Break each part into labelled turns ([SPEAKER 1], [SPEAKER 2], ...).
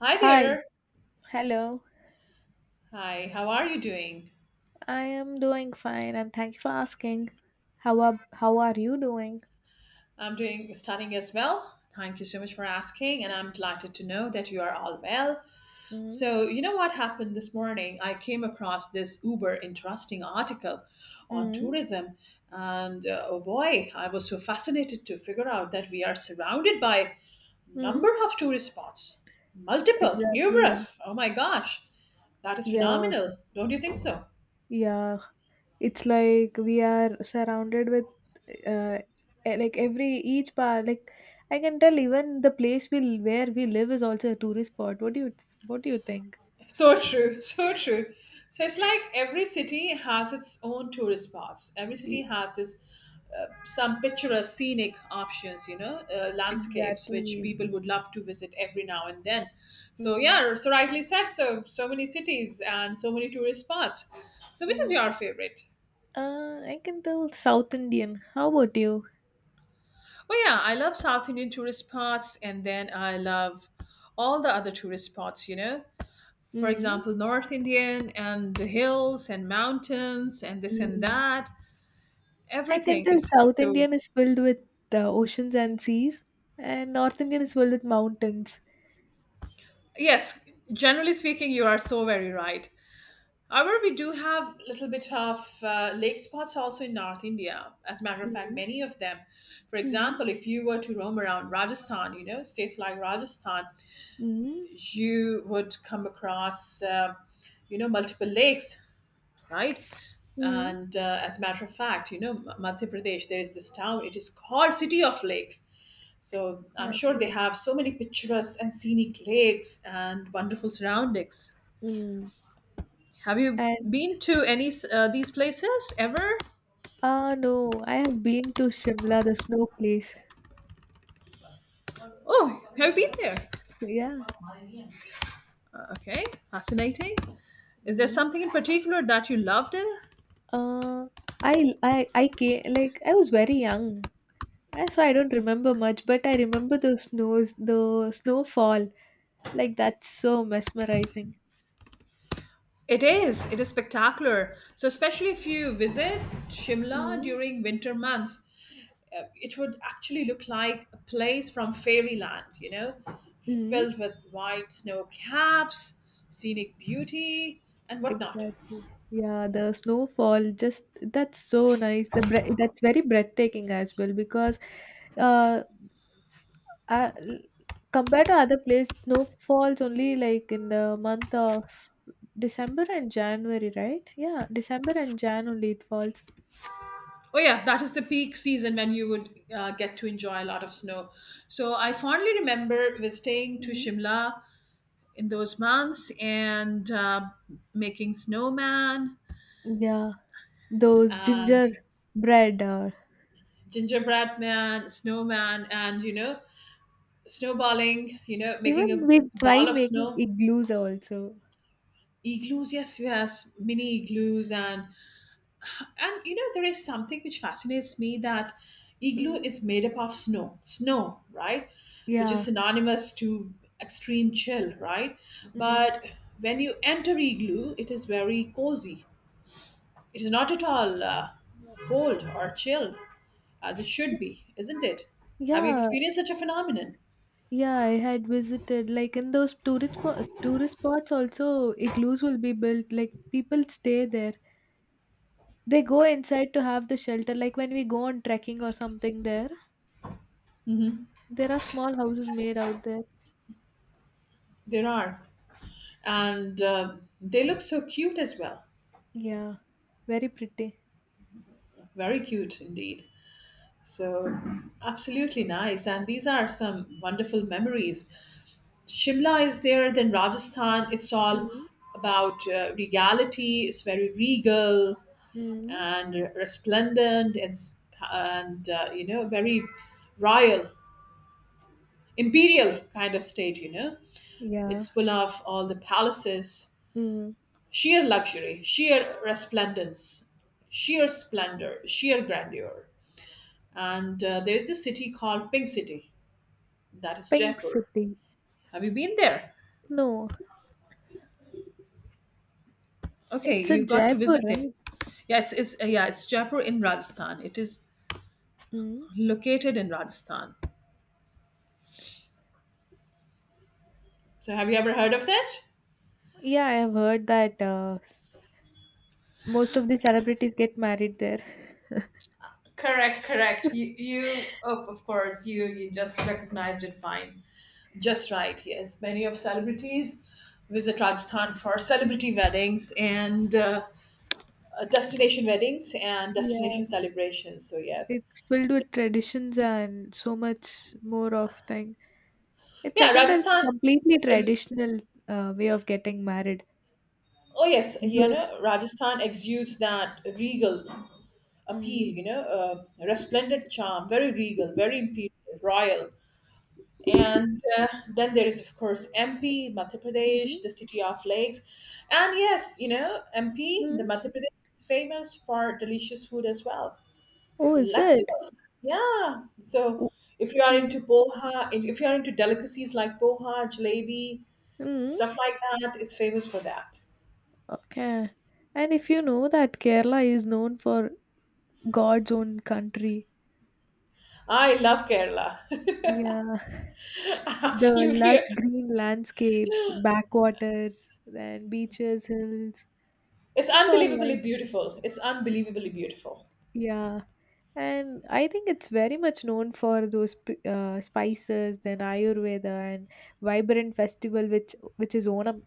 [SPEAKER 1] Hi
[SPEAKER 2] Hi,
[SPEAKER 1] there.
[SPEAKER 2] hello.
[SPEAKER 1] Hi, how are you doing?
[SPEAKER 2] I am doing fine, and thank you for asking. How are you doing?
[SPEAKER 1] I'm doing stunning as well. Thank you so much for asking, and I'm delighted to know that you are all well.
[SPEAKER 2] Mm,
[SPEAKER 1] So, you know what happened this morning? I came across this uber interesting article on
[SPEAKER 2] mm,
[SPEAKER 1] tourism, and oh boy, I was so fascinated to figure out that we are surrounded by number
[SPEAKER 2] mm.
[SPEAKER 1] of tourist spots, multiple,
[SPEAKER 2] Exactly.
[SPEAKER 1] numerous. Oh my gosh, that is
[SPEAKER 2] Yeah,
[SPEAKER 1] phenomenal. Don't you think so?
[SPEAKER 2] yeah. It's like we are surrounded with uh like every each part like I can tell even the place where we live is also a tourist spot. What do you think?
[SPEAKER 1] So true, so true. So it's like every city has its own tourist spots. Every city
[SPEAKER 2] E-
[SPEAKER 1] has its some picturesque scenic options, landscapes which
[SPEAKER 2] Exactly.
[SPEAKER 1] people would love to visit every now and then. So
[SPEAKER 2] Mm,
[SPEAKER 1] yeah, so rightly said. So many cities and so many tourist spots. So which is
[SPEAKER 2] mm.
[SPEAKER 1] your favorite?
[SPEAKER 2] I can tell South Indian. How about you?
[SPEAKER 1] Well, yeah, I love South Indian tourist spots, and then I love all the other tourist spots. You know, for
[SPEAKER 2] Mm,
[SPEAKER 1] example, North Indian and the hills and mountains and this and
[SPEAKER 2] mm.
[SPEAKER 1] that.
[SPEAKER 2] I can
[SPEAKER 1] Everything
[SPEAKER 2] tell
[SPEAKER 1] is
[SPEAKER 2] South
[SPEAKER 1] so,
[SPEAKER 2] Indian is filled with oceans and seas, and North Indian is filled with mountains.
[SPEAKER 1] yes, generally speaking, you are so very right. However, we do have a little bit of lake spots also in North India. As a matter of fact,
[SPEAKER 2] Mm,
[SPEAKER 1] many of them. For
[SPEAKER 2] mm,
[SPEAKER 1] example, if you were to roam around Rajasthan, states like Rajasthan,
[SPEAKER 2] mm,
[SPEAKER 1] you would come across, multiple lakes, right?
[SPEAKER 2] mm,
[SPEAKER 1] And as a matter of fact, Madhya Pradesh, there is this town, it is called City of Lakes. So I'm sure they
[SPEAKER 2] exactly.
[SPEAKER 1] have so many picturesque and scenic lakes and wonderful surroundings.
[SPEAKER 2] Mm.
[SPEAKER 1] Have you
[SPEAKER 2] And
[SPEAKER 1] been to any these places ever?
[SPEAKER 2] no, I have been to Shimla, the snow place.
[SPEAKER 1] Oh, have you been there?
[SPEAKER 2] Yeah.
[SPEAKER 1] Okay, fascinating. Is there
[SPEAKER 2] Mm.
[SPEAKER 1] something in particular that you loved there?
[SPEAKER 2] Uh, I came like I was very young. So I don't remember much, but I remember the snows, the snowfall. Like that's so mesmerizing.
[SPEAKER 1] It is. It is spectacular. So especially if you visit Shimla
[SPEAKER 2] Mm,
[SPEAKER 1] during winter months, it would actually look like a place from fairyland,
[SPEAKER 2] mm.
[SPEAKER 1] filled with white snow caps, scenic beauty, and whatnot.
[SPEAKER 2] Exactly. Yeah, the snowfall just that's so nice. The breath that's very breathtaking as well because uh, uh compared to other place, snow falls only like in the month of December and January, right? Yeah, December and Jan only it falls.
[SPEAKER 1] Oh, yeah, that is the peak season when you would get to enjoy a lot of snow. So I fondly remember visiting to
[SPEAKER 2] Mhm.
[SPEAKER 1] Shimla in those months and making snowman
[SPEAKER 2] Yeah, those
[SPEAKER 1] and
[SPEAKER 2] ginger bread or
[SPEAKER 1] gingerbread man, snowman, and, snowballing,
[SPEAKER 2] even
[SPEAKER 1] making a
[SPEAKER 2] we try
[SPEAKER 1] ball of
[SPEAKER 2] making
[SPEAKER 1] snow.
[SPEAKER 2] igloos also.
[SPEAKER 1] Igloos. Yes, yes, mini igloos. And there is something which fascinates me, that igloo
[SPEAKER 2] Mm.
[SPEAKER 1] is made up of snow, right? Which is
[SPEAKER 2] Yeah.
[SPEAKER 1] synonymous to extreme chill, right?
[SPEAKER 2] Mm.
[SPEAKER 1] But when you enter igloo, it is very cozy. It is not at all cold or chill as it should be, isn't it? Have you
[SPEAKER 2] Yeah,
[SPEAKER 1] experienced such a phenomenon?
[SPEAKER 2] Yeah, I had visited like in those tourist spots also igloos will be built like people stay there. They go inside to have the shelter like when we go on trekking or something there. There are small houses made out there.
[SPEAKER 1] There are. And they look so cute as well.
[SPEAKER 2] Yeah. Very pretty.
[SPEAKER 1] Very cute indeed. So, absolutely nice. And these are some wonderful memories. Shimla is there, then Rajasthan. It's all
[SPEAKER 2] Mm.
[SPEAKER 1] about regality. It's very regal
[SPEAKER 2] Mm.
[SPEAKER 1] and resplendent, and very royal, imperial kind of state.
[SPEAKER 2] Yeah.
[SPEAKER 1] It's full of all the palaces,
[SPEAKER 2] Mm.
[SPEAKER 1] sheer luxury, sheer resplendence, sheer splendor, sheer grandeur. And there is this city called Pink City, that is
[SPEAKER 2] Pink
[SPEAKER 1] Jaipur.
[SPEAKER 2] City.
[SPEAKER 1] Have you been there?
[SPEAKER 2] No,
[SPEAKER 1] Okay,
[SPEAKER 2] it's a
[SPEAKER 1] you got to
[SPEAKER 2] Jaipur,
[SPEAKER 1] visit there.
[SPEAKER 2] right?
[SPEAKER 1] Yeah, it's Jaipur in Rajasthan. It is
[SPEAKER 2] Mm.
[SPEAKER 1] located in Rajasthan. So have you ever heard of that?
[SPEAKER 2] Yeah, I have heard that most of the celebrities get married there.
[SPEAKER 1] Correct, correct. You of course, you just recognized it fine. Just right, yes. Many of celebrities visit Rajasthan for celebrity weddings and destination weddings and
[SPEAKER 2] Yeah.
[SPEAKER 1] destination celebrations. So, yes.
[SPEAKER 2] It's filled with traditions and so much more of thing. It's
[SPEAKER 1] Yeah,
[SPEAKER 2] again a
[SPEAKER 1] Rajasthan
[SPEAKER 2] completely
[SPEAKER 1] ex-
[SPEAKER 2] traditional way of getting married.
[SPEAKER 1] oh yes,
[SPEAKER 2] Those.
[SPEAKER 1] Rajasthan exudes that regal
[SPEAKER 2] Mm,
[SPEAKER 1] appeal, resplendent charm, very regal, very imperial, royal. And then there is, of course, MP, Madhya
[SPEAKER 2] mm,
[SPEAKER 1] Pradesh, the city of lakes. And yes, MP, the
[SPEAKER 2] mm.
[SPEAKER 1] Madhya Pradesh is famous for delicious food as well.
[SPEAKER 2] Oh, is it?
[SPEAKER 1] Delectable snacks. Yeah. So
[SPEAKER 2] Oh.
[SPEAKER 1] if you are
[SPEAKER 2] Mm,
[SPEAKER 1] into poha, if you are into delicacies like poha, jalebi,
[SPEAKER 2] mm.
[SPEAKER 1] stuff like that, it's famous for that.
[SPEAKER 2] Okay. And if you know that Kerala is known for God's own country.
[SPEAKER 1] I love Kerala.
[SPEAKER 2] Yeah. The
[SPEAKER 1] Absolutely.
[SPEAKER 2] lush green landscapes, backwaters, then beaches, hills.
[SPEAKER 1] It's
[SPEAKER 2] It's all
[SPEAKER 1] unbelievably
[SPEAKER 2] nice.
[SPEAKER 1] beautiful. It's unbelievably beautiful.
[SPEAKER 2] Yeah. And I think it's very much known for those spices, then Ayurveda and vibrant festival, which is Onam.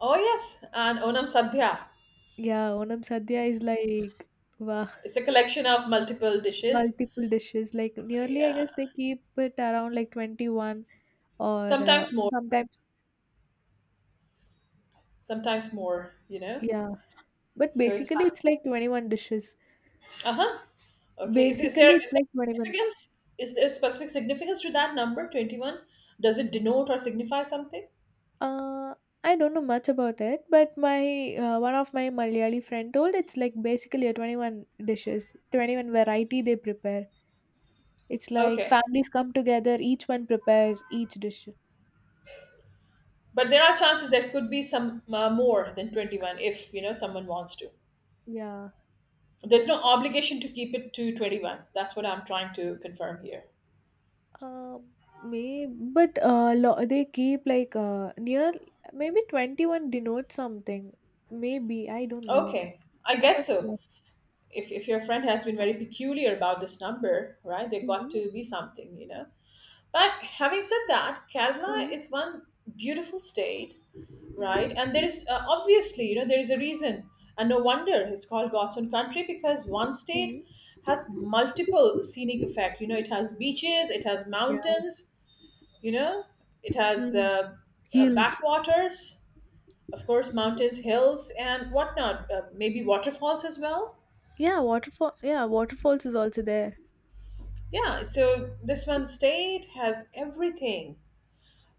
[SPEAKER 1] Oh yes, and Onam Sadhya.
[SPEAKER 2] Yeah, Onam Sadhya is like wow.
[SPEAKER 1] It's a collection of multiple dishes.
[SPEAKER 2] Multiple dishes. Like nearly, I
[SPEAKER 1] Yeah,
[SPEAKER 2] guess they keep it around like 21 or
[SPEAKER 1] sometimes more,
[SPEAKER 2] sometimes,
[SPEAKER 1] sometimes more.
[SPEAKER 2] yeah. But
[SPEAKER 1] So it's
[SPEAKER 2] basically, it's
[SPEAKER 1] fascinating.
[SPEAKER 2] like 21 dishes.
[SPEAKER 1] Uh huh. Okay. Is, is there
[SPEAKER 2] Basically, it's
[SPEAKER 1] is there
[SPEAKER 2] like 21.
[SPEAKER 1] significance? Is there specific significance to that number 21? Does it denote or signify something?
[SPEAKER 2] Uh, I don't know much about it, but my one of my Malayali friend told it's like basically a 21 dishes, 21 variety they prepare. It's like
[SPEAKER 1] Okay,
[SPEAKER 2] families come together, each one prepares each dish.
[SPEAKER 1] but there are chances there could be some more than 21 if you know someone wants to.
[SPEAKER 2] Yeah.
[SPEAKER 1] There's no obligation to keep it to 21. That's what I'm trying to confirm here.
[SPEAKER 2] Uh, may, but they keep like near maybe 21 denotes something. Maybe I don't know.
[SPEAKER 1] Okay, I
[SPEAKER 2] I'm not
[SPEAKER 1] guess so.
[SPEAKER 2] sure.
[SPEAKER 1] If your friend has been very peculiar about this number, right, they got
[SPEAKER 2] Mm-hmm.
[SPEAKER 1] to be something. But having said that,
[SPEAKER 2] Mm-hmm.
[SPEAKER 1] Kerala is one beautiful state, right?
[SPEAKER 2] Mm-hmm.
[SPEAKER 1] And there is obviously, there is a reason. And no wonder it's called Gossen country, because one
[SPEAKER 2] Mm-hmm.
[SPEAKER 1] state has multiple scenic effect. It has beaches, it has
[SPEAKER 2] Yeah.
[SPEAKER 1] mountains, you know, it has
[SPEAKER 2] Mm. Heels.
[SPEAKER 1] backwaters, of course, mountains, hills, and whatnot, maybe waterfalls as well.
[SPEAKER 2] Yeah, waterfall. Yeah, waterfalls is also there.
[SPEAKER 1] Yeah, so this one state has everything.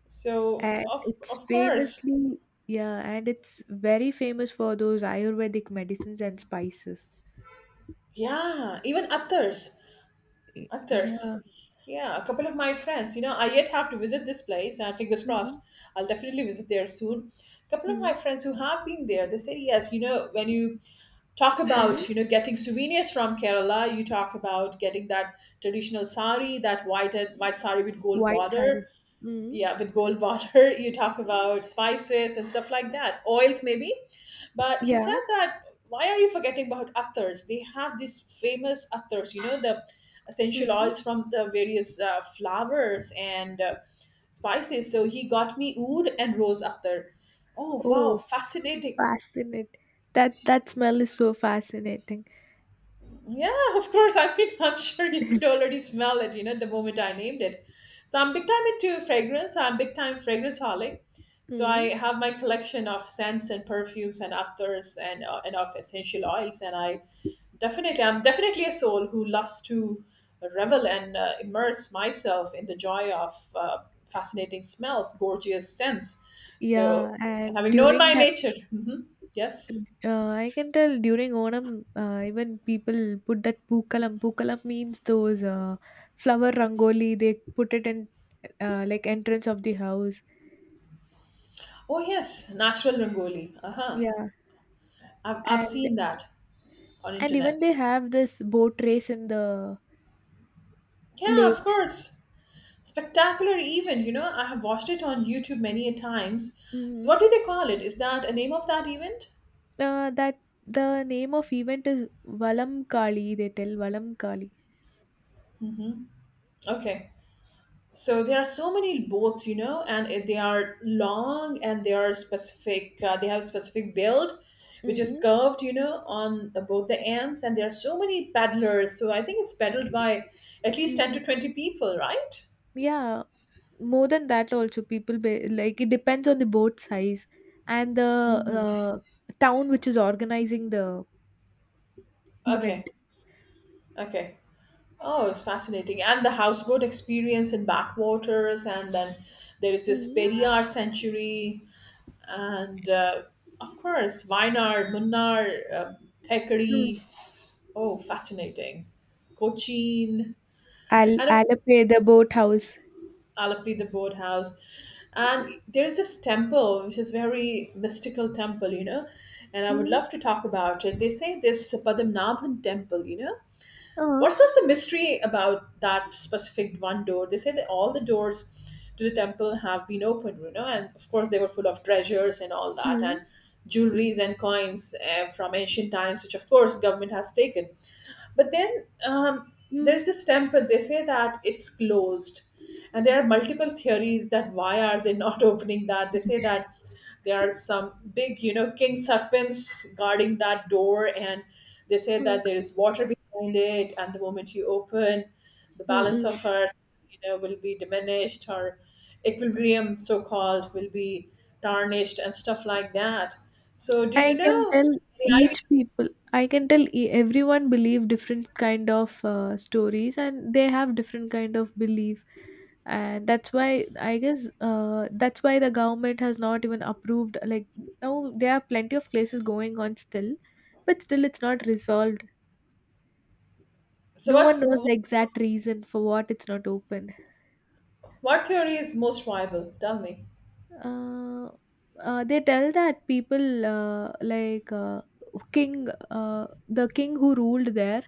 [SPEAKER 1] So
[SPEAKER 2] And
[SPEAKER 1] of
[SPEAKER 2] it's
[SPEAKER 1] of course,
[SPEAKER 2] famously, yeah, and it's very famous for those Ayurvedic medicines and spices.
[SPEAKER 1] yeah, even others, others.
[SPEAKER 2] Yeah.
[SPEAKER 1] Yeah, a couple of my friends, I yet have to visit this place. And fingers crossed,
[SPEAKER 2] Mm-hmm.
[SPEAKER 1] I'll definitely visit there soon. A couple of my
[SPEAKER 2] Hmm.
[SPEAKER 1] friends who have been there, they say yes. When you talk
[SPEAKER 2] Hmm.
[SPEAKER 1] about getting souvenirs from Kerala, you talk about getting that traditional sari, that white and white sari with gold
[SPEAKER 2] White
[SPEAKER 1] border,
[SPEAKER 2] saree. Hmm.
[SPEAKER 1] yeah, with gold water. You talk about spices and stuff like that, oils maybe. But he
[SPEAKER 2] Yeah.
[SPEAKER 1] said that, why are you forgetting about attars? They have these famous attars. The essential
[SPEAKER 2] Hmm.
[SPEAKER 1] oils from the various flowers and spices. So he got me oud and rose attar. Oh, wow,
[SPEAKER 2] Oh,
[SPEAKER 1] fascinating.
[SPEAKER 2] fascinating. That smell is so fascinating.
[SPEAKER 1] Yeah, of course. I mean, I'm sure you could already smell it, the moment I named it. So I'm big time into fragrance. I'm big time fragrance holic. So
[SPEAKER 2] Hmm.
[SPEAKER 1] I have my collection of scents and perfumes and afters and of essential oils. And I'm definitely a soul who loves to revel and immerse myself in the joy of fascinating smells, gorgeous scents. So
[SPEAKER 2] Yeah, and
[SPEAKER 1] having known
[SPEAKER 2] during
[SPEAKER 1] my
[SPEAKER 2] the
[SPEAKER 1] nature, yes.
[SPEAKER 2] I can tell during Onam, even people put that pookalam. Pookalam means those flower rangoli. They put it in like entrance of the house.
[SPEAKER 1] Oh yes, natural Rangoli. Uh huh.
[SPEAKER 2] Yeah,
[SPEAKER 1] I've
[SPEAKER 2] and
[SPEAKER 1] seen that on
[SPEAKER 2] and even
[SPEAKER 1] internet.
[SPEAKER 2] they have this boat race in the
[SPEAKER 1] Yeah, of
[SPEAKER 2] lakes.
[SPEAKER 1] course. Spectacular event. I have watched it on YouTube many a times. So
[SPEAKER 2] Hmm.
[SPEAKER 1] what do they call it? Is that a name of that event?
[SPEAKER 2] That The name of event is Valam Kali. They tell Valam Kali.
[SPEAKER 1] Mm-hmm. Okay. So there are so many boats, and they are long and they are specific. They have specific build, which is
[SPEAKER 2] Mm-hmm.
[SPEAKER 1] curved, on both the ends. And there are so many paddlers. So I think it's paddled by at least 10 to 20 people, right?
[SPEAKER 2] Yeah, more than that also people like it depends on the boat size and the
[SPEAKER 1] Mm-hmm.
[SPEAKER 2] town which is organizing the event.
[SPEAKER 1] Okay. Okay. Oh, it's fascinating. And the houseboat experience in backwaters, and then there is this
[SPEAKER 2] Mm.
[SPEAKER 1] Periyar sanctuary, and of course, Wayanad, Munnar,
[SPEAKER 2] Mm.
[SPEAKER 1] Thekari. Oh, fascinating. Cochin,
[SPEAKER 2] I'll
[SPEAKER 1] and of
[SPEAKER 2] I'll pay the boat house.
[SPEAKER 1] Alappi, the boathouse. And there is this temple, which is very mystical temple, and I would
[SPEAKER 2] Mm.
[SPEAKER 1] love to talk about it. They say this Padmanabhan temple.
[SPEAKER 2] Uh.
[SPEAKER 1] What's just the mystery about that specific one door? They say that all the doors to the temple have been opened, and of course they were full of treasures and all that,
[SPEAKER 2] Mm.
[SPEAKER 1] and jewelries and coins from ancient times, which of course government has taken. But then
[SPEAKER 2] Mm.
[SPEAKER 1] there's this temple. They say that it's closed, and there are multiple theories that why are they not opening that? They say that there are some big, king serpents guarding that door, and they say
[SPEAKER 2] Mm.
[SPEAKER 1] that there is water behind it, and the moment you open, the balance
[SPEAKER 2] Mm.
[SPEAKER 1] of earth, will be diminished, or equilibrium, so called, will be tarnished and stuff like that. So, do you
[SPEAKER 2] I can
[SPEAKER 1] know,
[SPEAKER 2] tell
[SPEAKER 1] any idea?
[SPEAKER 2] each people. I can tell everyone believe different kind of stories, and they have different kind of belief, and that's why I guess that's why the government has not even approved. Like now, there are plenty of cases going on still, but still it's not resolved.
[SPEAKER 1] So,
[SPEAKER 2] No one knows the exact reason for what it's not open.
[SPEAKER 1] what theory is most viable? Tell me.
[SPEAKER 2] Uh, they tell that people like king the king who ruled there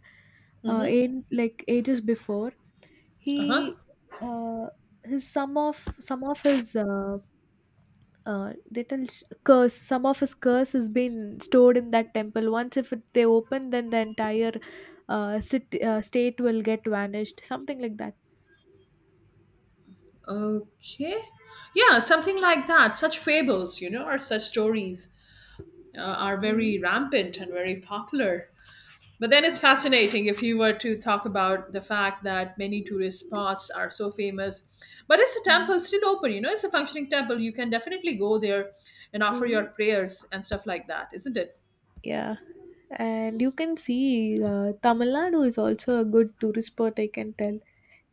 [SPEAKER 1] Mm-hmm.
[SPEAKER 2] in like ages before
[SPEAKER 1] Uh-huh.
[SPEAKER 2] he uh, his some of his they tell curse, some of his curse has been stored in that temple. Once if it, they open, then the entire city, state will get vanished, something like that.
[SPEAKER 1] Okay. Yeah, something like that. Such fables, or such stories are very rampant and very popular. But then it's fascinating if you were to talk about the fact that many tourist spots are so famous. But it's a
[SPEAKER 2] Mm-hmm.
[SPEAKER 1] temple still open, it's a functioning temple. You can definitely go there and offer your prayers and stuff like that, isn't it?
[SPEAKER 2] Yeah, and you can see Tamil Nadu is also a good tourist spot. I can tell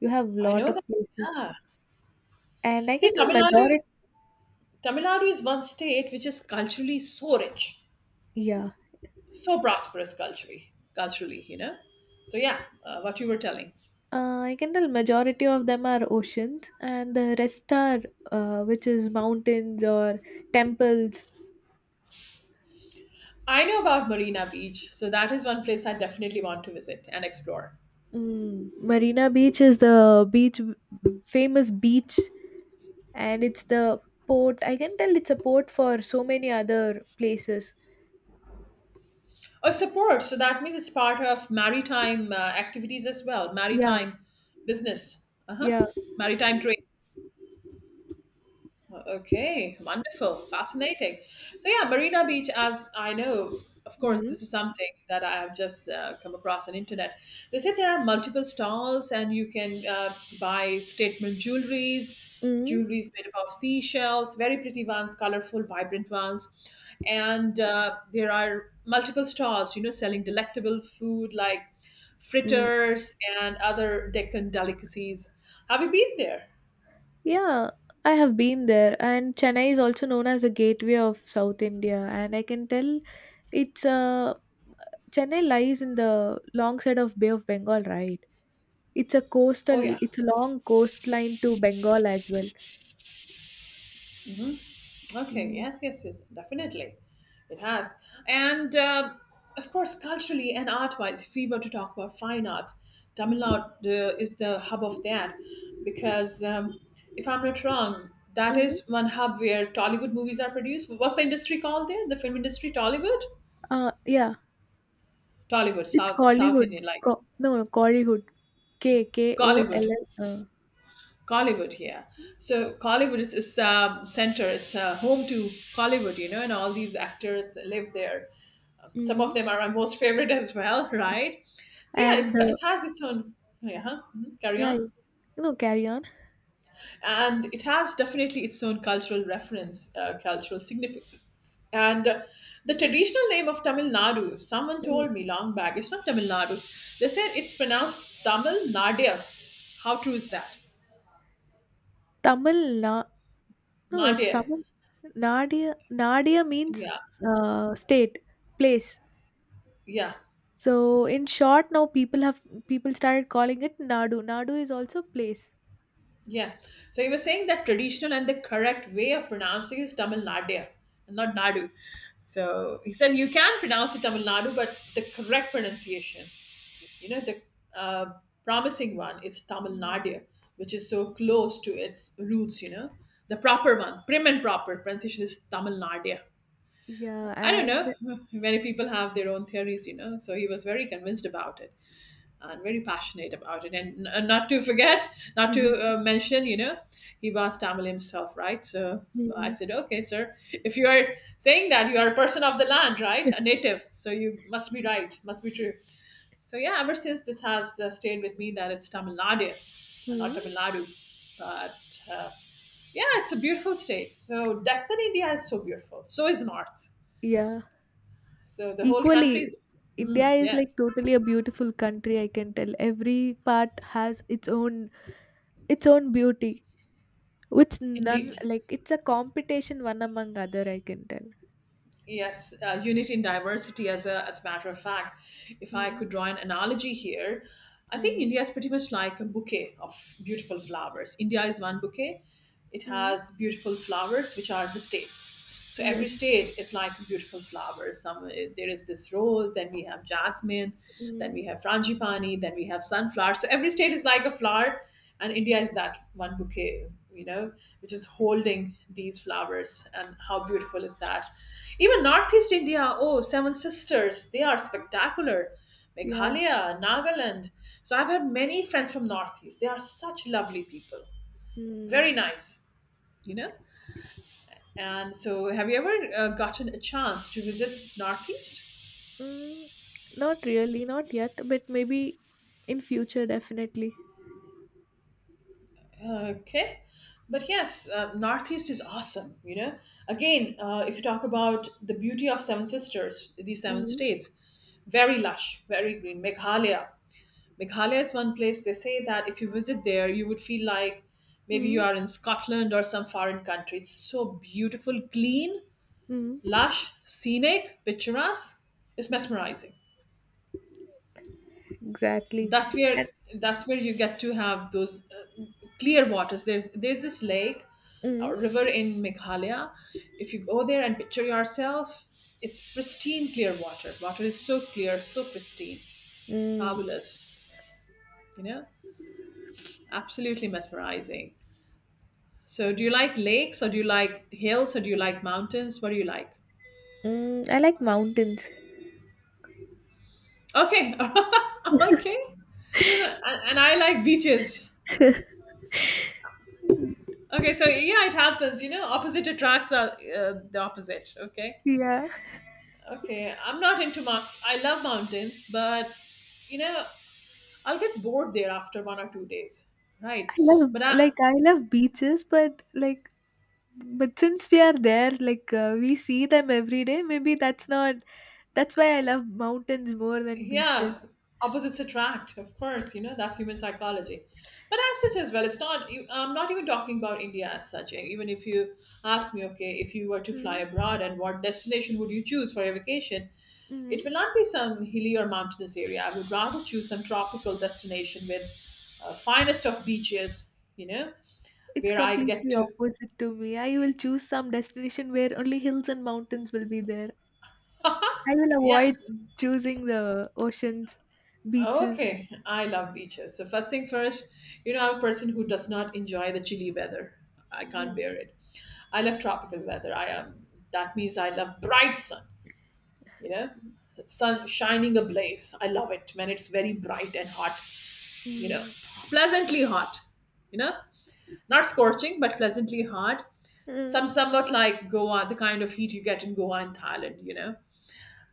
[SPEAKER 2] you have
[SPEAKER 1] I
[SPEAKER 2] lot
[SPEAKER 1] know
[SPEAKER 2] of
[SPEAKER 1] that.
[SPEAKER 2] places,
[SPEAKER 1] Yeah.
[SPEAKER 2] and I
[SPEAKER 1] See,
[SPEAKER 2] can tell
[SPEAKER 1] Tamil Nadu,
[SPEAKER 2] majority.
[SPEAKER 1] Tamil Nadu is one state which is culturally so rich.
[SPEAKER 2] Yeah,
[SPEAKER 1] So prosperous culturally. So yeah, what you were telling.
[SPEAKER 2] I can tell majority of them are oceans, and the rest are which is mountains or temples.
[SPEAKER 1] I know about Marina Beach, so that is one place I definitely want to visit and explore.
[SPEAKER 2] Mm, Marina Beach is the beach, famous beach, and it's the port. I can tell it's a port for so many other places.
[SPEAKER 1] Oh, support, so that means it's part of maritime activities as well.
[SPEAKER 2] Yeah,
[SPEAKER 1] Maritime business. Uh-huh.
[SPEAKER 2] yeah.
[SPEAKER 1] Maritime trade. Okay, wonderful, fascinating. So yeah, Marina Beach, as I know, of course,
[SPEAKER 2] Mm-hmm.
[SPEAKER 1] this is something that I have just come across on internet. They say there are multiple stalls, and you can buy statement jewelries,
[SPEAKER 2] Mm-hmm.
[SPEAKER 1] jewelries made up of seashells, very pretty ones, colorful, vibrant ones, and there are multiple stalls, selling delectable food like
[SPEAKER 2] Mm-hmm.
[SPEAKER 1] fritters and other Deccan delicacies. Have you been there?
[SPEAKER 2] Yeah, I have been there, and Chennai is also known as the gateway of South India, and I can tell it's a Chennai lies in the long side of Bay of Bengal, right? It's a
[SPEAKER 1] Oh
[SPEAKER 2] coastal,
[SPEAKER 1] yeah.
[SPEAKER 2] it's a long coastline to Bengal as well.
[SPEAKER 1] Okay,
[SPEAKER 2] Mm,
[SPEAKER 1] yes, yes, yes, definitely. It has. And of course, culturally and art wise, if we were to talk about fine arts, Tamil
[SPEAKER 2] mm,
[SPEAKER 1] Nadu is the hub of that. Because if I'm not wrong, that
[SPEAKER 2] mm.
[SPEAKER 1] is one hub where Tollywood movies are produced. What's the industry called there? The film industry? Tollywood?
[SPEAKER 2] Yeah,
[SPEAKER 1] Tollywood,
[SPEAKER 2] it's
[SPEAKER 1] South
[SPEAKER 2] Kollywood.
[SPEAKER 1] Indian, like
[SPEAKER 2] No, no, Kollywood. K K O
[SPEAKER 1] Gollywood.
[SPEAKER 2] L L.
[SPEAKER 1] Collywood, yeah. So Collywood is center. It's home to Collywood, and all these actors live there. Some
[SPEAKER 2] Mm.
[SPEAKER 1] of them are my most favorite as well, right? So yeah,
[SPEAKER 2] And uh,
[SPEAKER 1] it has its own. Oh yeah, huh? Mhm. Carry
[SPEAKER 2] yeah,
[SPEAKER 1] on.
[SPEAKER 2] you know, carry on.
[SPEAKER 1] And it has definitely its own cultural reference, cultural significance. And the traditional name of Tamil Nadu, someone
[SPEAKER 2] Mm.
[SPEAKER 1] told me long back, it's not Tamil Nadu. They said it's pronounced Tamil Nadia. How true is that?
[SPEAKER 2] Tamil Nadu. No, it's
[SPEAKER 1] Nadia.
[SPEAKER 2] Tamil. Nadia means
[SPEAKER 1] Yeah,
[SPEAKER 2] state, place.
[SPEAKER 1] yeah.
[SPEAKER 2] So in short, now people started calling it Nadu. Nadu is also place.
[SPEAKER 1] Yeah. So you were saying that traditional and the correct way of pronouncing is Tamil Nadu, not Nadu. So he said you can pronounce it Tamil Nadu, but the correct pronunciation, you know, the uh, promising one is Tamil
[SPEAKER 2] Mm.
[SPEAKER 1] Nadu, which is so close to its roots, you know. The proper one, prim and proper pronunciation is Tamil Nadu.
[SPEAKER 2] Yeah,
[SPEAKER 1] I don't
[SPEAKER 2] and
[SPEAKER 1] know. Many people have their own theories, you know. So he was very convinced about it and very passionate about it. And not to forget, not to
[SPEAKER 2] mhm.
[SPEAKER 1] mention, you know, he was Tamil himself, right? So I
[SPEAKER 2] Mm.
[SPEAKER 1] said, okay, sir, if you are saying that you are a person of the land, right? A native. So you must be right, must be true. So yeah, ever since this has stayed with me that it's Tamil Nadu, not
[SPEAKER 2] Mm.
[SPEAKER 1] Tamil Nadu. But yeah, it's a beautiful state. So Deccan India is so beautiful. So is North.
[SPEAKER 2] Yeah,
[SPEAKER 1] So the whole country
[SPEAKER 2] equally,
[SPEAKER 1] is,
[SPEAKER 2] India
[SPEAKER 1] hmm,
[SPEAKER 2] is like
[SPEAKER 1] yes,
[SPEAKER 2] totally a beautiful country. I can tell every part has its own beauty, which none
[SPEAKER 1] indeed.
[SPEAKER 2] like it's a competition one among other. I can tell.
[SPEAKER 1] Yes, unity in diversity, as as a matter of fact. If I could
[SPEAKER 2] Mm.
[SPEAKER 1] draw an analogy here, I think India is pretty much like a bouquet of beautiful flowers. India is one bouquet, it
[SPEAKER 2] Mm.
[SPEAKER 1] has beautiful flowers, which are the states. So every
[SPEAKER 2] Yes.
[SPEAKER 1] state is like beautiful flowers. Some there is this rose, then we have jasmine, then
[SPEAKER 2] Mm.
[SPEAKER 1] we have frangipani, then we have sunflower. So every state is like a flower, and India is that one bouquet, you know, which is holding these flowers. And how beautiful is that? Even Northeast India, oh, Seven Sisters, they are spectacular.
[SPEAKER 2] Yeah.
[SPEAKER 1] Meghalaya, Nagaland. So I've had many friends from Northeast. They are such lovely people. Very
[SPEAKER 2] Mm.
[SPEAKER 1] nice, you know? And so have you ever gotten a chance to visit Northeast?
[SPEAKER 2] Mm, not really, not yet, but maybe in future, definitely.
[SPEAKER 1] Okay. But yes, Northeast is awesome, you know? Again, if you talk about the beauty of Seven Sisters, these seven
[SPEAKER 2] Mm,
[SPEAKER 1] states, very lush, very green. Meghalaya is one place they say that if you visit there, you would feel like maybe you
[SPEAKER 2] mm,
[SPEAKER 1] are in Scotland or some foreign country. It's so beautiful, clean,
[SPEAKER 2] mm,
[SPEAKER 1] lush, scenic, picturesque. It's mesmerizing.
[SPEAKER 2] exactly.
[SPEAKER 1] That's
[SPEAKER 2] And.
[SPEAKER 1] where that's where you get to have those clear waters. There's this lake
[SPEAKER 2] Mm,
[SPEAKER 1] or river in Meghalaya. If you go there and picture yourself, it's pristine clear water. Water is so clear, so pristine,
[SPEAKER 2] mm,
[SPEAKER 1] fabulous. You know, absolutely mesmerizing. So, do you like lakes or do you like hills or do you like mountains? What do you like?
[SPEAKER 2] mm. I like mountains.
[SPEAKER 1] Okay. Okay. And I like beaches. Okay, so yeah, it happens. You know, opposite attracts are the opposite. Okay.
[SPEAKER 2] Yeah,
[SPEAKER 1] Okay. I'm not into mountains. I love mountains, but, you know, I'll get bored there after 1 or 2 days.
[SPEAKER 2] I
[SPEAKER 1] Right.
[SPEAKER 2] love
[SPEAKER 1] But I,
[SPEAKER 2] like I love beaches, but since we are there, like we see them every day. Maybe that's not, that's why I love mountains more than beaches.
[SPEAKER 1] yeah, opposites attract, of course, you know, that's human psychology, but as such as well, it's not I'm not even talking about India as such. Eh, even if you ask me, okay, if you were to fly
[SPEAKER 2] Mm.
[SPEAKER 1] abroad and what destination would you choose for your vacation,
[SPEAKER 2] Hmm.
[SPEAKER 1] it will not be some hilly or mountainous area. I would rather choose some tropical destination with finest of beaches, you know,
[SPEAKER 2] It's
[SPEAKER 1] where I get
[SPEAKER 2] completely
[SPEAKER 1] to,
[SPEAKER 2] opposite to me. I will choose some destination where only hills and mountains will be there. I will
[SPEAKER 1] yeah.
[SPEAKER 2] avoid choosing the oceans, beaches.
[SPEAKER 1] Okay, I love beaches. So first thing first, you know, I'm a person who does not enjoy the chilly weather. I can't
[SPEAKER 2] Mm,
[SPEAKER 1] bear it. I love tropical weather. I am. That means I love bright sun. You know, sun shining ablaze. I love it when it's very bright and hot. You know,
[SPEAKER 2] mm,
[SPEAKER 1] pleasantly hot. You know, not scorching but pleasantly hot.
[SPEAKER 2] mm,
[SPEAKER 1] Somewhat like Goa, the kind of heat you get in Goa and Thailand. You know,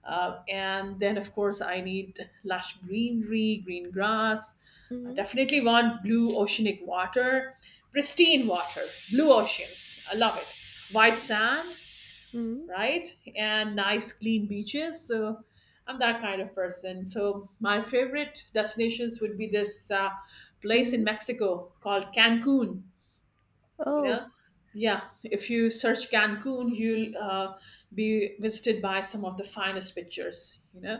[SPEAKER 1] and then, of course, I need lush greenery, green grass. I
[SPEAKER 2] mm,
[SPEAKER 1] definitely want blue oceanic water, pristine water, blue oceans. I love it. White sand,
[SPEAKER 2] mm,
[SPEAKER 1] right? And nice, clean beaches. So I'm that kind of person. So my favorite destinations would be this place in
[SPEAKER 2] mm.
[SPEAKER 1] Mexico called Cancun, you
[SPEAKER 2] Oh.
[SPEAKER 1] know. Yeah, if you search Cancun, you'll be visited by some of the finest pictures, you know,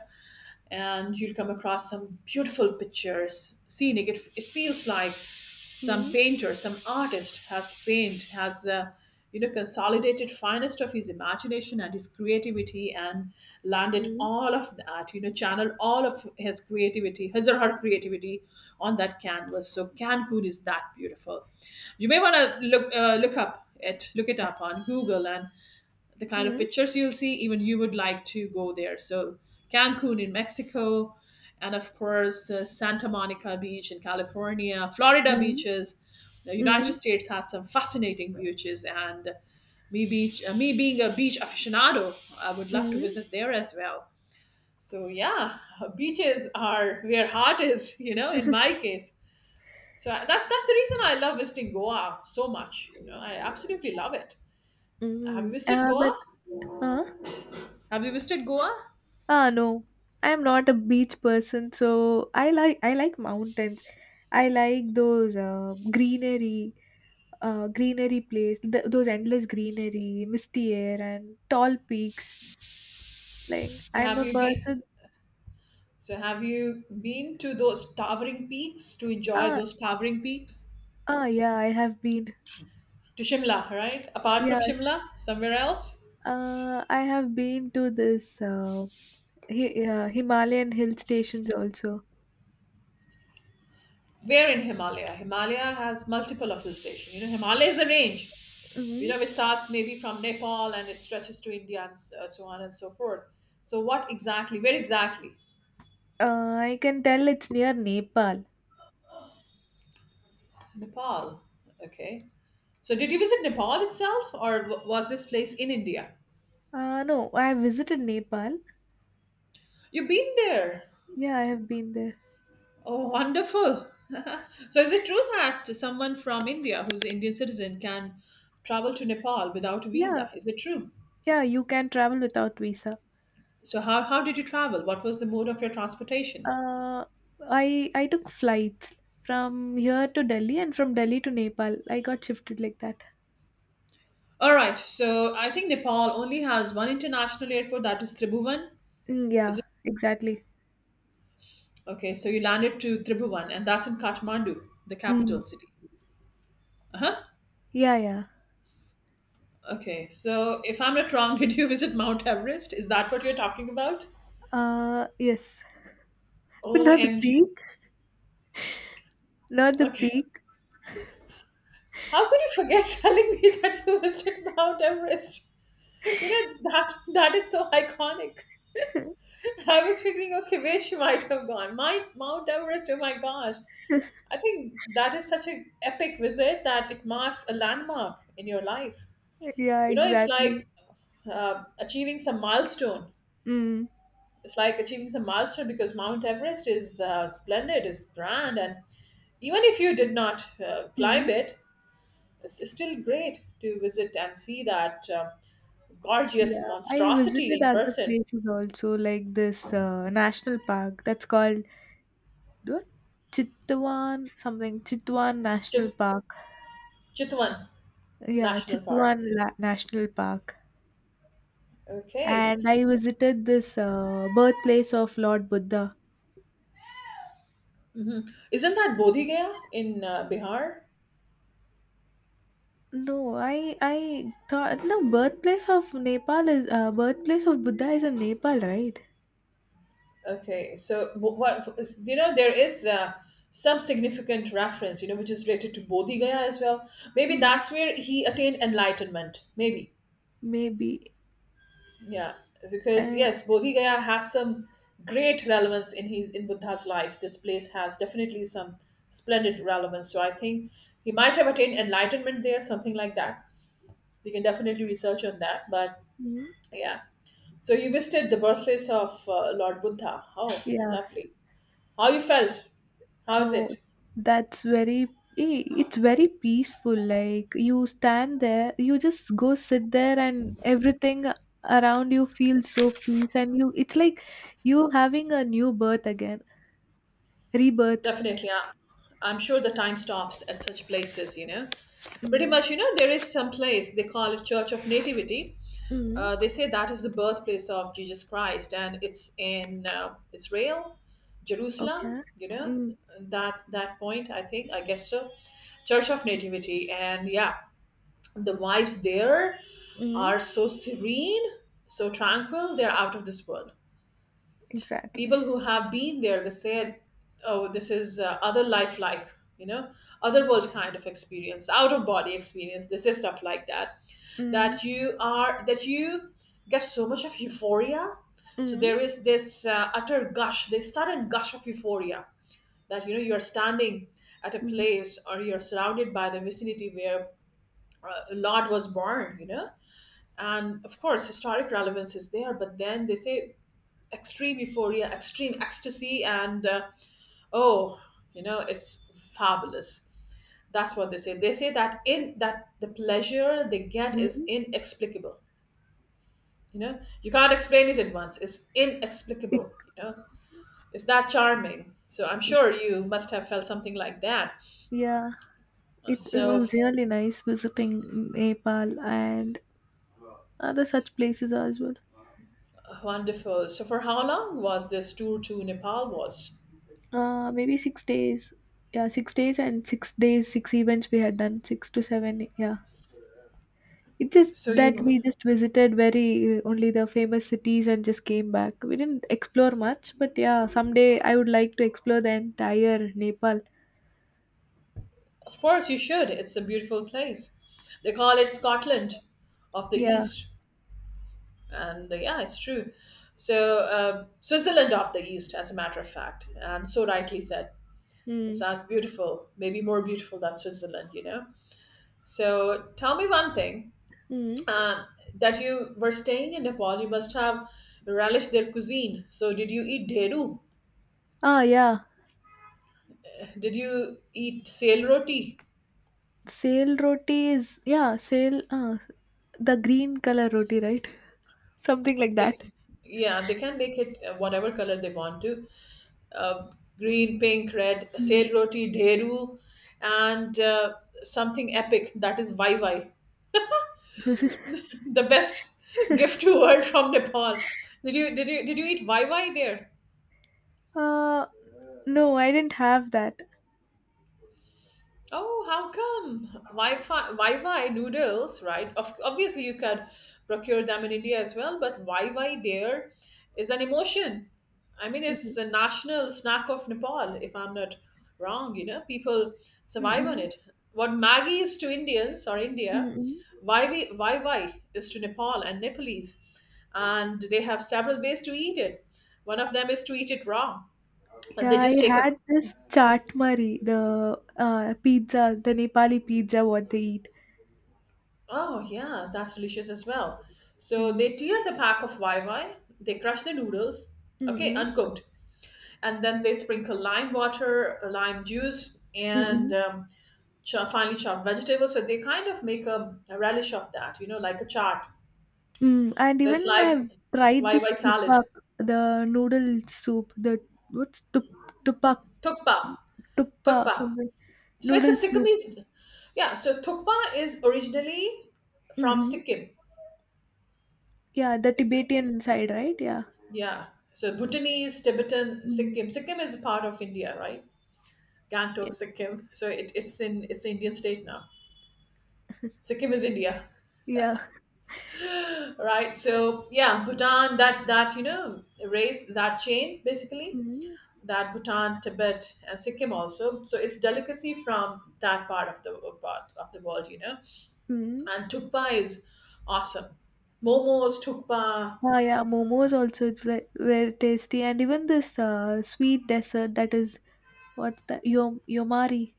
[SPEAKER 1] and you'll come across some beautiful pictures, scenic. It feels like some
[SPEAKER 2] Mm,
[SPEAKER 1] painter, some artist has paint has you know, consolidated finest of his imagination and his creativity and landed
[SPEAKER 2] mm,
[SPEAKER 1] all of that, you know, channeled all of his creativity, his or her creativity on that canvas. So Cancun is that beautiful. You may want to look up it, look it up on Google, and the kind of
[SPEAKER 2] mm,
[SPEAKER 1] pictures you'll see, even you would like to go there. So, Cancun in Mexico, and of course, Santa Monica Beach in California, Florida
[SPEAKER 2] mm,
[SPEAKER 1] beaches. The United
[SPEAKER 2] mm,
[SPEAKER 1] States has some fascinating beaches, and me, me being a beach aficionado, I would love to
[SPEAKER 2] mm.
[SPEAKER 1] visit there as well. So, yeah, beaches are where heart is, you know, in my case. So that's the reason I love visiting Goa so much. You know, I absolutely love it. Have you
[SPEAKER 2] Mm.
[SPEAKER 1] visited Goa?
[SPEAKER 2] But. Huh?
[SPEAKER 1] Have you visited Goa?
[SPEAKER 2] Ah, no. I am not a beach person, so I like mountains. I like those greenery. Greenery place, those endless greenery, misty air, and tall peaks. Like
[SPEAKER 1] So
[SPEAKER 2] I'm
[SPEAKER 1] have
[SPEAKER 2] a
[SPEAKER 1] you been?
[SPEAKER 2] person.
[SPEAKER 1] So have you been to those towering peaks to enjoy
[SPEAKER 2] Ah,
[SPEAKER 1] those towering peaks?
[SPEAKER 2] yeah, I have been.
[SPEAKER 1] To Shimla, right? Apart
[SPEAKER 2] Yeah,
[SPEAKER 1] from Shimla, somewhere else?
[SPEAKER 2] I have been to this Himalayan hill stations also.
[SPEAKER 1] We're in Himalaya. Himalaya has multiple of hill stations. You know, Himalaya is a range. You
[SPEAKER 2] Hmm.
[SPEAKER 1] know, it starts maybe from Nepal and it stretches to India and so on and so forth. So what exactly? Where exactly?
[SPEAKER 2] I can tell it's near Nepal.
[SPEAKER 1] Nepal. Okay. So did you visit Nepal itself, or was this place in India?
[SPEAKER 2] No, I have visited Nepal.
[SPEAKER 1] You've been there.
[SPEAKER 2] Yeah, I have been there.
[SPEAKER 1] Oh, wonderful. So, is it true that someone from India who's an Indian citizen can travel to Nepal without a
[SPEAKER 2] Yeah,
[SPEAKER 1] visa? Is it true?
[SPEAKER 2] yeah, you can travel without visa.
[SPEAKER 1] So, how did you travel? What was the mode of your transportation?
[SPEAKER 2] Uh, I took flights from here to Delhi and from Delhi to Nepal. I got shifted like that.
[SPEAKER 1] All right. So, I think Nepal only has one international airport that is Tribhuvan.
[SPEAKER 2] Mm,
[SPEAKER 1] Is
[SPEAKER 2] yeah,
[SPEAKER 1] it?
[SPEAKER 2] exactly.
[SPEAKER 1] Okay. So, you landed to Tribhuvan, and that's in Kathmandu, the
[SPEAKER 2] Mm,
[SPEAKER 1] capital city. Uh huh.
[SPEAKER 2] yeah, yeah.
[SPEAKER 1] Okay. So, if I'm not wrong, did you visit Mount Everest? Is that what you're talking about?
[SPEAKER 2] Yes, but not the
[SPEAKER 1] OMG.
[SPEAKER 2] peak. Not the
[SPEAKER 1] Okay.
[SPEAKER 2] peak.
[SPEAKER 1] How could you forget telling me that you visited Mount Everest? You know that that is so iconic. I was figuring, okay, where she might have gone. My Mount Everest. Oh my gosh! I think that is such an epic visit that it marks a landmark in your life.
[SPEAKER 2] Yeah,
[SPEAKER 1] You know, it's
[SPEAKER 2] exactly.
[SPEAKER 1] like achieving some milestone.
[SPEAKER 2] Mm,
[SPEAKER 1] It's like achieving some milestone because Mount Everest is splendid, is grand, and even if you did not
[SPEAKER 2] mm.
[SPEAKER 1] climb it, it's still great to visit and see that. Gorgeous
[SPEAKER 2] Yeah, I
[SPEAKER 1] monstrosity
[SPEAKER 2] visited
[SPEAKER 1] in
[SPEAKER 2] other
[SPEAKER 1] person.
[SPEAKER 2] places also, like this national park that's called what? Chitwan something. Chitwan National
[SPEAKER 1] Chit-
[SPEAKER 2] Park.
[SPEAKER 1] Chitwan
[SPEAKER 2] Yeah,
[SPEAKER 1] National Park.
[SPEAKER 2] Chitwan National Park.
[SPEAKER 1] Okay.
[SPEAKER 2] And I visited this birthplace of Lord Buddha.
[SPEAKER 1] Hmm. Isn't that Bodhi Gaya in Bihar?
[SPEAKER 2] No, I thought no birthplace of Nepal is birthplace of Buddha is in Nepal, right?
[SPEAKER 1] Okay. So, what is- you know, there is some significant reference, you know, which is related to Bodhi Gaya as well. Maybe
[SPEAKER 2] Mm,
[SPEAKER 1] that's where he attained enlightenment. Maybe.
[SPEAKER 2] maybe.
[SPEAKER 1] Yeah, because
[SPEAKER 2] Uh,
[SPEAKER 1] yes, Bodhi Gaya has some great relevance in his in Buddha's life. This place has definitely some splendid relevance. So I think he might have attained enlightenment there, something like that. We can definitely research on that. But
[SPEAKER 2] mm,
[SPEAKER 1] yeah, so you visited the birthplace of Lord Buddha. Oh,
[SPEAKER 2] yeah.
[SPEAKER 1] lovely! How you felt? How is
[SPEAKER 2] Oh,
[SPEAKER 1] it?
[SPEAKER 2] that's very. It's very peaceful. Like you stand there, you just go sit there, and everything around you feels so peace, and you. It's like you having a new birth again, rebirth.
[SPEAKER 1] Definitely, I'm sure the time stops at such places. You know, pretty
[SPEAKER 2] Mm,
[SPEAKER 1] much. You know, there is some place they call it Church of Nativity.
[SPEAKER 2] mm.
[SPEAKER 1] They say that is the birthplace of Jesus Christ, and it's in Israel, Jerusalem.
[SPEAKER 2] Okay.
[SPEAKER 1] You know
[SPEAKER 2] Mm,
[SPEAKER 1] that that point. I think I guess so. Church of Nativity, and yeah, the vibes there
[SPEAKER 2] mm,
[SPEAKER 1] are so serene, so tranquil. They're out of this world.
[SPEAKER 2] exactly.
[SPEAKER 1] People who have been there, they said, "Oh, this is other life, like, you know, other world kind of experience, out of body experience." They say stuff like that,
[SPEAKER 2] Mm,
[SPEAKER 1] that you are, that you get so much of euphoria. So
[SPEAKER 2] mm,
[SPEAKER 1] there is this utter gush, this sudden gush of euphoria, that, you know, you are standing at a
[SPEAKER 2] mm,
[SPEAKER 1] place or you're surrounded by the vicinity where lord was born, you know. And of course historic relevance is there, but then they say extreme euphoria, extreme ecstasy, and oh, you know, it's fabulous. That's what they say. They say that in that the pleasure they get is
[SPEAKER 2] mm.
[SPEAKER 1] inexplicable. You know, you can't explain it at once. It's
[SPEAKER 2] It,
[SPEAKER 1] inexplicable. You know, it's that charming. So I'm sure you must have felt something like that.
[SPEAKER 2] yeah, it
[SPEAKER 1] So
[SPEAKER 2] was
[SPEAKER 1] f-
[SPEAKER 2] really nice visiting Nepal and other such places as well.
[SPEAKER 1] Wonderful. So for how long was this tour to Nepal was?
[SPEAKER 2] Maybe 6 days. Yeah, 6 days and 6 days, 6 events we had done, 6 to 7. Yeah. It's just
[SPEAKER 1] So
[SPEAKER 2] that
[SPEAKER 1] you,
[SPEAKER 2] we just visited very only the famous cities and just came back. We didn't explore much, but yeah, someday I would like to explore the entire Nepal.
[SPEAKER 1] of course, you should. It's a beautiful place. They call it Scotland of the
[SPEAKER 2] Yeah.
[SPEAKER 1] East. And yeah, it's true. So Switzerland of the East, as a matter of fact, and so rightly said. It
[SPEAKER 2] Mm,
[SPEAKER 1] sounds beautiful, maybe more beautiful than Switzerland, you know. So tell me one thing.
[SPEAKER 2] mm.
[SPEAKER 1] um, that you were staying in Nepal, you must have relished their cuisine. So did you eat deru?
[SPEAKER 2] Ah, yeah.
[SPEAKER 1] Did you eat sail roti?
[SPEAKER 2] Sail roti is, yeah, sail the green color roti, right? Something like
[SPEAKER 1] they,
[SPEAKER 2] that.
[SPEAKER 1] yeah, they can make it whatever color they want to. uh, Green, pink, red,
[SPEAKER 2] Mm.
[SPEAKER 1] sail roti, dheru, and something epic, that is vai vai. The best gift to world from Nepal. Did you eat vai vai there?
[SPEAKER 2] Uh, no, I didn't have that.
[SPEAKER 1] Oh, how come? Wi-Fi, Wi-Fi noodles, right? Of, obviously, you can procure them in India as well, but Wi-Fi there is an emotion. I mean,
[SPEAKER 2] Mhm.
[SPEAKER 1] it's a national snack of Nepal, if I'm not wrong. You know, people survive on
[SPEAKER 2] Mm-mm.
[SPEAKER 1] it. What Maggie is to Indians or India,
[SPEAKER 2] Mm-mm.
[SPEAKER 1] Wi-Fi is to Nepal and Nepalese, and they have several ways to eat it. One of them is to eat it raw, and
[SPEAKER 2] Yeah,
[SPEAKER 1] they
[SPEAKER 2] I
[SPEAKER 1] just take a—
[SPEAKER 2] had this chaat mari, the pizza, the Nepali pizza, what they eat.
[SPEAKER 1] Oh, yeah, that's delicious as well. So
[SPEAKER 2] Mm.
[SPEAKER 1] they tear the pack of YY, they crush the noodles, okay,
[SPEAKER 2] Mm-mm.
[SPEAKER 1] uncooked, and then they sprinkle lime water, lime juice, and
[SPEAKER 2] Mm-mm.
[SPEAKER 1] chop, finally chopped vegetables. So they kind of make a relish of that, you know, like a chart.
[SPEAKER 2] Mm. And
[SPEAKER 1] So it's
[SPEAKER 2] even
[SPEAKER 1] like
[SPEAKER 2] I've tried this
[SPEAKER 1] YY salad.
[SPEAKER 2] tupak, the noodle soup, the what's tupak?
[SPEAKER 1] Tukpa,
[SPEAKER 2] Tuppa,
[SPEAKER 1] tukpa.
[SPEAKER 2] something.
[SPEAKER 1] So it's a
[SPEAKER 2] Noodle soup.
[SPEAKER 1] Sikkimese, yeah. So tukpa is originally from
[SPEAKER 2] Mm-mm.
[SPEAKER 1] Sikkim.
[SPEAKER 2] Yeah, the
[SPEAKER 1] It's—
[SPEAKER 2] Tibetan side, right? Yeah.
[SPEAKER 1] Yeah. So Bhutanese, Tibetan,
[SPEAKER 2] Mm,
[SPEAKER 1] Sikkim. Sikkim is part of India, right?
[SPEAKER 2] yeah.
[SPEAKER 1] Gangtok, Sikkim. So it's in it's an Indian state now. Sikkim is India,
[SPEAKER 2] Yeah.
[SPEAKER 1] right? So yeah, Bhutan. That, you know, race, that chain, basically,
[SPEAKER 2] Mm,
[SPEAKER 1] that Bhutan, Tibet, and Sikkim also. So it's delicacy from that part of the world, you know.
[SPEAKER 2] mm.
[SPEAKER 1] And tukpa is awesome. Momos, tukpa,
[SPEAKER 2] Ah, yeah, momos also it's like very tasty, and even this sweet dessert that is, what's that? Yomari,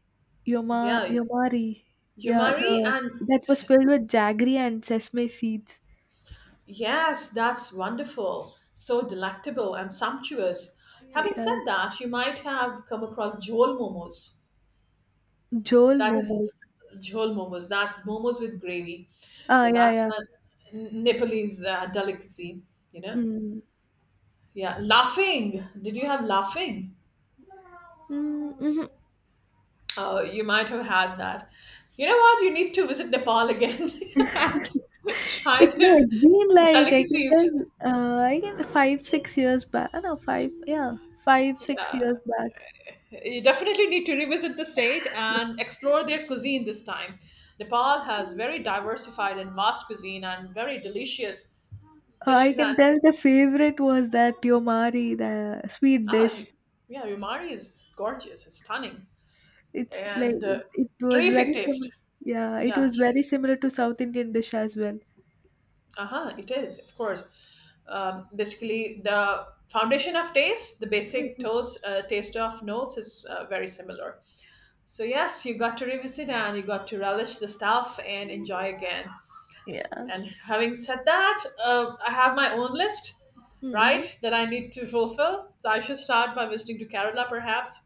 [SPEAKER 1] yeah,
[SPEAKER 2] yomari. Yeah,
[SPEAKER 1] yamari,
[SPEAKER 2] the
[SPEAKER 1] and—
[SPEAKER 2] that was filled with jaggery and sesame seeds.
[SPEAKER 1] Yes, that's wonderful. So delectable and sumptuous. Having
[SPEAKER 2] Yeah.
[SPEAKER 1] said that, you might have come across jol momos.
[SPEAKER 2] Jol
[SPEAKER 1] That is
[SPEAKER 2] momos.
[SPEAKER 1] jol momos. That's momos with gravy.
[SPEAKER 2] Ah,
[SPEAKER 1] So
[SPEAKER 2] yeah,
[SPEAKER 1] that's
[SPEAKER 2] yeah.
[SPEAKER 1] when Nepalese delicacy, you know?
[SPEAKER 2] Mm.
[SPEAKER 1] Yeah, laughing. Did you have laughing?
[SPEAKER 2] Mm, mhm.
[SPEAKER 1] Oh, you might have had that. You know what? You need to visit Nepal again and try
[SPEAKER 2] It's No,
[SPEAKER 1] their
[SPEAKER 2] it's been like I can
[SPEAKER 1] delicacies.
[SPEAKER 2] tell. I can, 5 6 years back. No, five. Yeah, 5 6 years back.
[SPEAKER 1] You definitely need to revisit the state and explore their cuisine this time. Nepal has very diversified and vast cuisine and very delicious
[SPEAKER 2] I
[SPEAKER 1] dishes.
[SPEAKER 2] can
[SPEAKER 1] And
[SPEAKER 2] tell the favorite was that yomari, the sweet
[SPEAKER 1] ah, you,
[SPEAKER 2] dish.
[SPEAKER 1] yeah, Umari is gorgeous, it's stunning,
[SPEAKER 2] It's like
[SPEAKER 1] and
[SPEAKER 2] it was very
[SPEAKER 1] terrific taste.
[SPEAKER 2] similar. Yeah, it
[SPEAKER 1] Yeah,
[SPEAKER 2] was very similar to South Indian dish as well.
[SPEAKER 1] uh huh, it is, of course. Basically, the foundation of taste, the basic
[SPEAKER 2] Mm-mm.
[SPEAKER 1] toast, taste of notes is very similar. So, yes, you got to revisit and you got to relish the stuff and enjoy again.
[SPEAKER 2] Yeah.
[SPEAKER 1] And having said that, I have my own list,
[SPEAKER 2] Mm-mm.
[SPEAKER 1] right, that I need to fulfill. So I should start by visiting to Kerala, perhaps.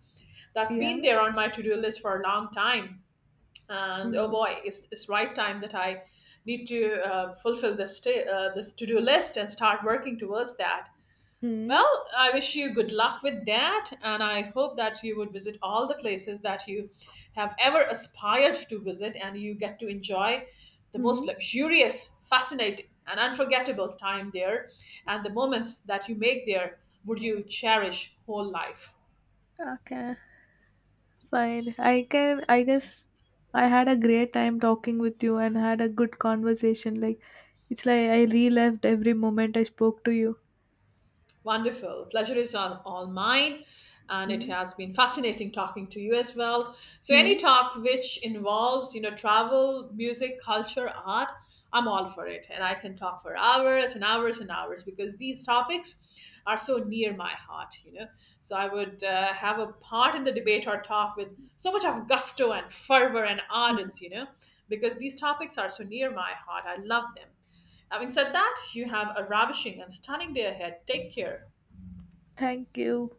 [SPEAKER 1] That's
[SPEAKER 2] Yeah.
[SPEAKER 1] been there on my to-do list for a long time. And oh
[SPEAKER 2] Mm.
[SPEAKER 1] boy, it's right time that I need to fulfill this to-do list and start working towards that.
[SPEAKER 2] Mm.
[SPEAKER 1] Well, I wish you good luck with that, and I hope that you would visit all the places that you have ever aspired to visit and you get to enjoy the most
[SPEAKER 2] Mm.
[SPEAKER 1] luxurious, fascinating, and unforgettable time there and the moments that you make there would you cherish whole life.
[SPEAKER 2] Okay. Fine. I can. I guess I had a great time talking with you and had a good conversation. Like it's like I relived every moment I spoke to you.
[SPEAKER 1] Wonderful. Pleasure is all mine. And it has been fascinating talking to you as well. So, any
[SPEAKER 2] Mm-hmm.
[SPEAKER 1] talk which involves, you know, travel, music, culture, art, I'm all for it. And I can talk for hours and hours and hours because these topics are so near my heart, you know. So, I would have a part in the debate or talk with so much of gusto and fervor and ardence, you know, because these topics are so near my heart. I love them. Having said that, you have a ravishing and stunning day ahead. Take care.
[SPEAKER 2] Thank you.